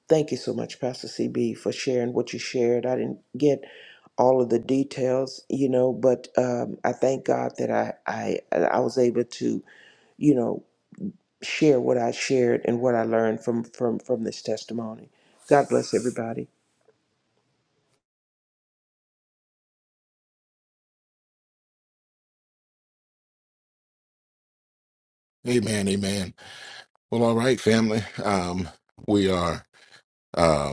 Speaker 5: thank you so much Pastor CB for sharing what you shared. I didn't get all of the details, you know, but um, I thank God that I, I I was able to, you know, share what I shared and what I learned from from from this testimony. God bless everybody.
Speaker 2: Amen. Amen. Well, all right, family. Um, we are. um,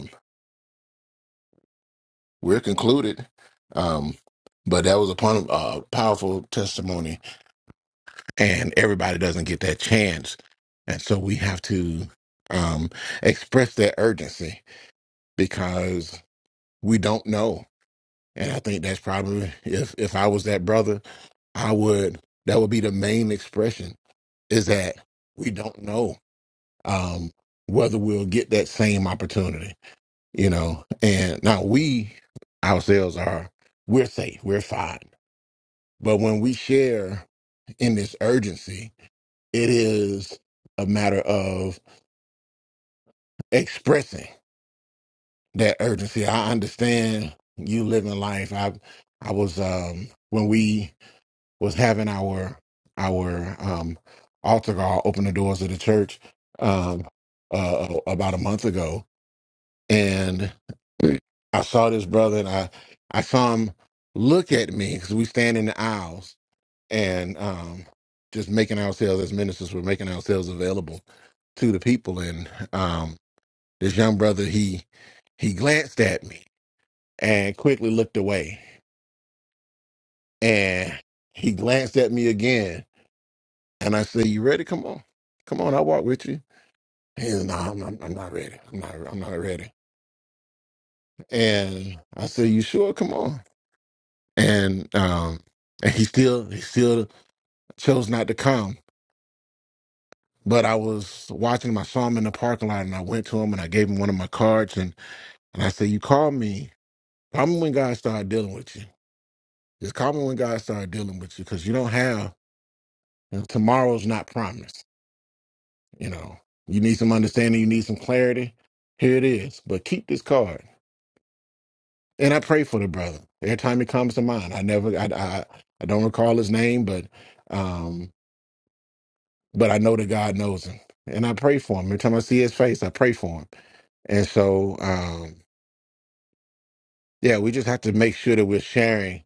Speaker 2: we're concluded. Um, but that was a pon- uh, powerful testimony, and everybody doesn't get that chance. And so we have to um, express that urgency because we don't know. And I think that's probably if if I was that brother, I would that would be the main expression is that we don't know um, whether we'll get that same opportunity, you know. And now we ourselves are we're safe, we're fine But when we share in this urgency, it is a matter of expressing that urgency. I understand you living life. I I was um when we was having our our um altar call open the doors of the church um uh about a month ago and I saw this brother and I I saw him look at me because we stand in the aisles and um, just making ourselves as ministers, we're making ourselves available to the people. And um, this young brother, he he glanced at me and quickly looked away, and he glanced at me again, and I said, "You ready? Come on, come on, I'll walk with you." He said, "No, I'm not, I'm not ready. I'm not, I'm not ready." And I said, "You sure? Come on." And um, and he still he still chose not to come But I was watching him. I saw him in the parking lot, and I went to him and I gave him one of my cards, and and I said, "You call me. Call me when God started dealing with you. Just call me when God started dealing with you, because you don't have tomorrow's not promised. You know, you need some understanding. You need some clarity. Here it is. But keep this card, and I pray for the brother every time he comes to mind. I never, I, I, I don't recall his name, but, um, but I know that God knows him, and I pray for him every time I see his face. I pray for him." And so, um, Yeah, we just have to make sure that we're sharing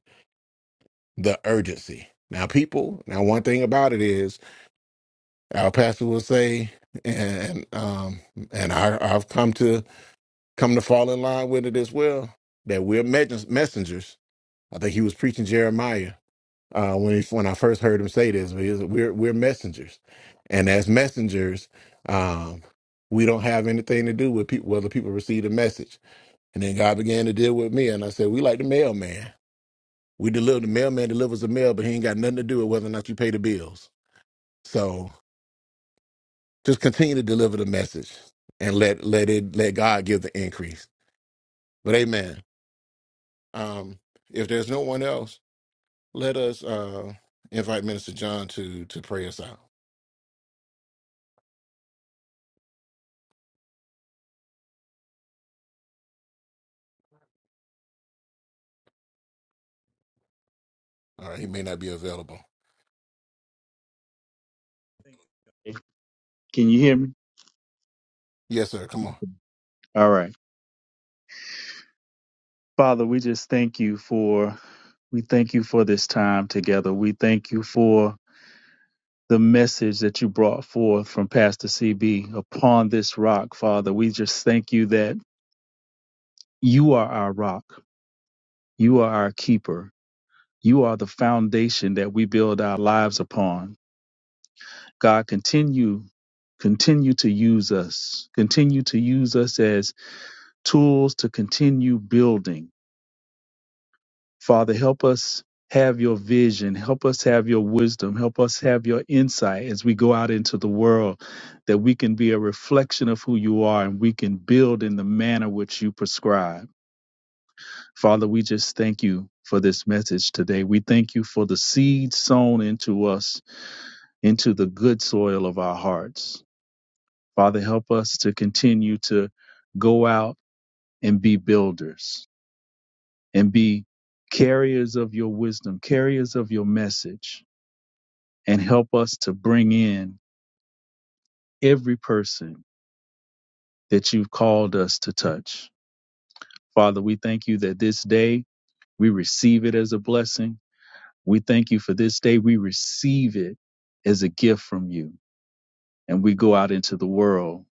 Speaker 2: the urgency. Now, people, now one thing about it is our pastor will say, and um, and I, I've come to come to fall in line with it as well, that we're mes- messengers. I think he was preaching Jeremiah uh, when he, when I first heard him say this. he was- We're we're messengers, and as messengers, um, we don't have anything to do with people whether people receive the message. And then God began to deal with me, and I said, we like the mailman. We deliver the mailman delivers the mail, but he ain't got nothing to do with whether or not you pay the bills. So just continue to deliver the message and let let it let God give the increase. But amen. Um, if there's no one else, let us uh invite Minister John to to pray us out. All right, he may not be available.
Speaker 3: Can you hear me?
Speaker 2: Yes, sir. Come on.
Speaker 3: All right. Father, we just thank you for we thank you for this time together. We thank you for the message that you brought forth from Pastor CB upon this rock, Father. We just thank you that you are our rock. You are our keeper. You are the foundation that we build our lives upon. God, continue continue to use us. Continue to use us as tools to continue building Father, help us have your vision. Help us have your wisdom. Help us have your insight as we go out into the world, that we can be a reflection of who you are and we can build in the manner which you prescribe. Father, we just thank you for this message today. We thank you for the seed sown into us, into the good soil of our hearts. Father, help us to continue to go out and be builders and be carriers of your wisdom, carriers of your message and help us to bring in every person that you've called us to touch. Father, we thank you that this day we receive it as a blessing. We thank you for this day. We receive it as a gift from you. And we go out into the world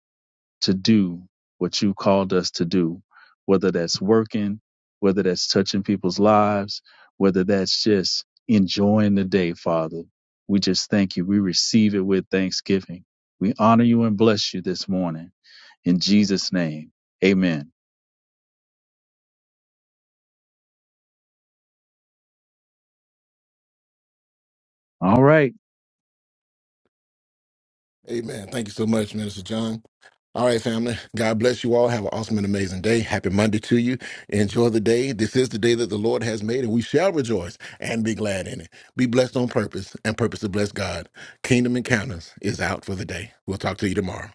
Speaker 3: to do what you called us to do, whether that's working, whether that's touching people's lives, whether that's just enjoying the day, Father. We just thank you. We receive it with thanksgiving. We honor you and bless you this morning. In Jesus' name, amen. All right.
Speaker 2: Amen. Thank you so much, Minister John. All right, family. God bless you all. Have an awesome and amazing day. Happy Monday to you. Enjoy the day. This is the day that the Lord has made, and we shall rejoice and be glad in it. Be blessed on purpose and purpose to bless God. Kingdom Encounters is out for the day. We'll talk to you tomorrow.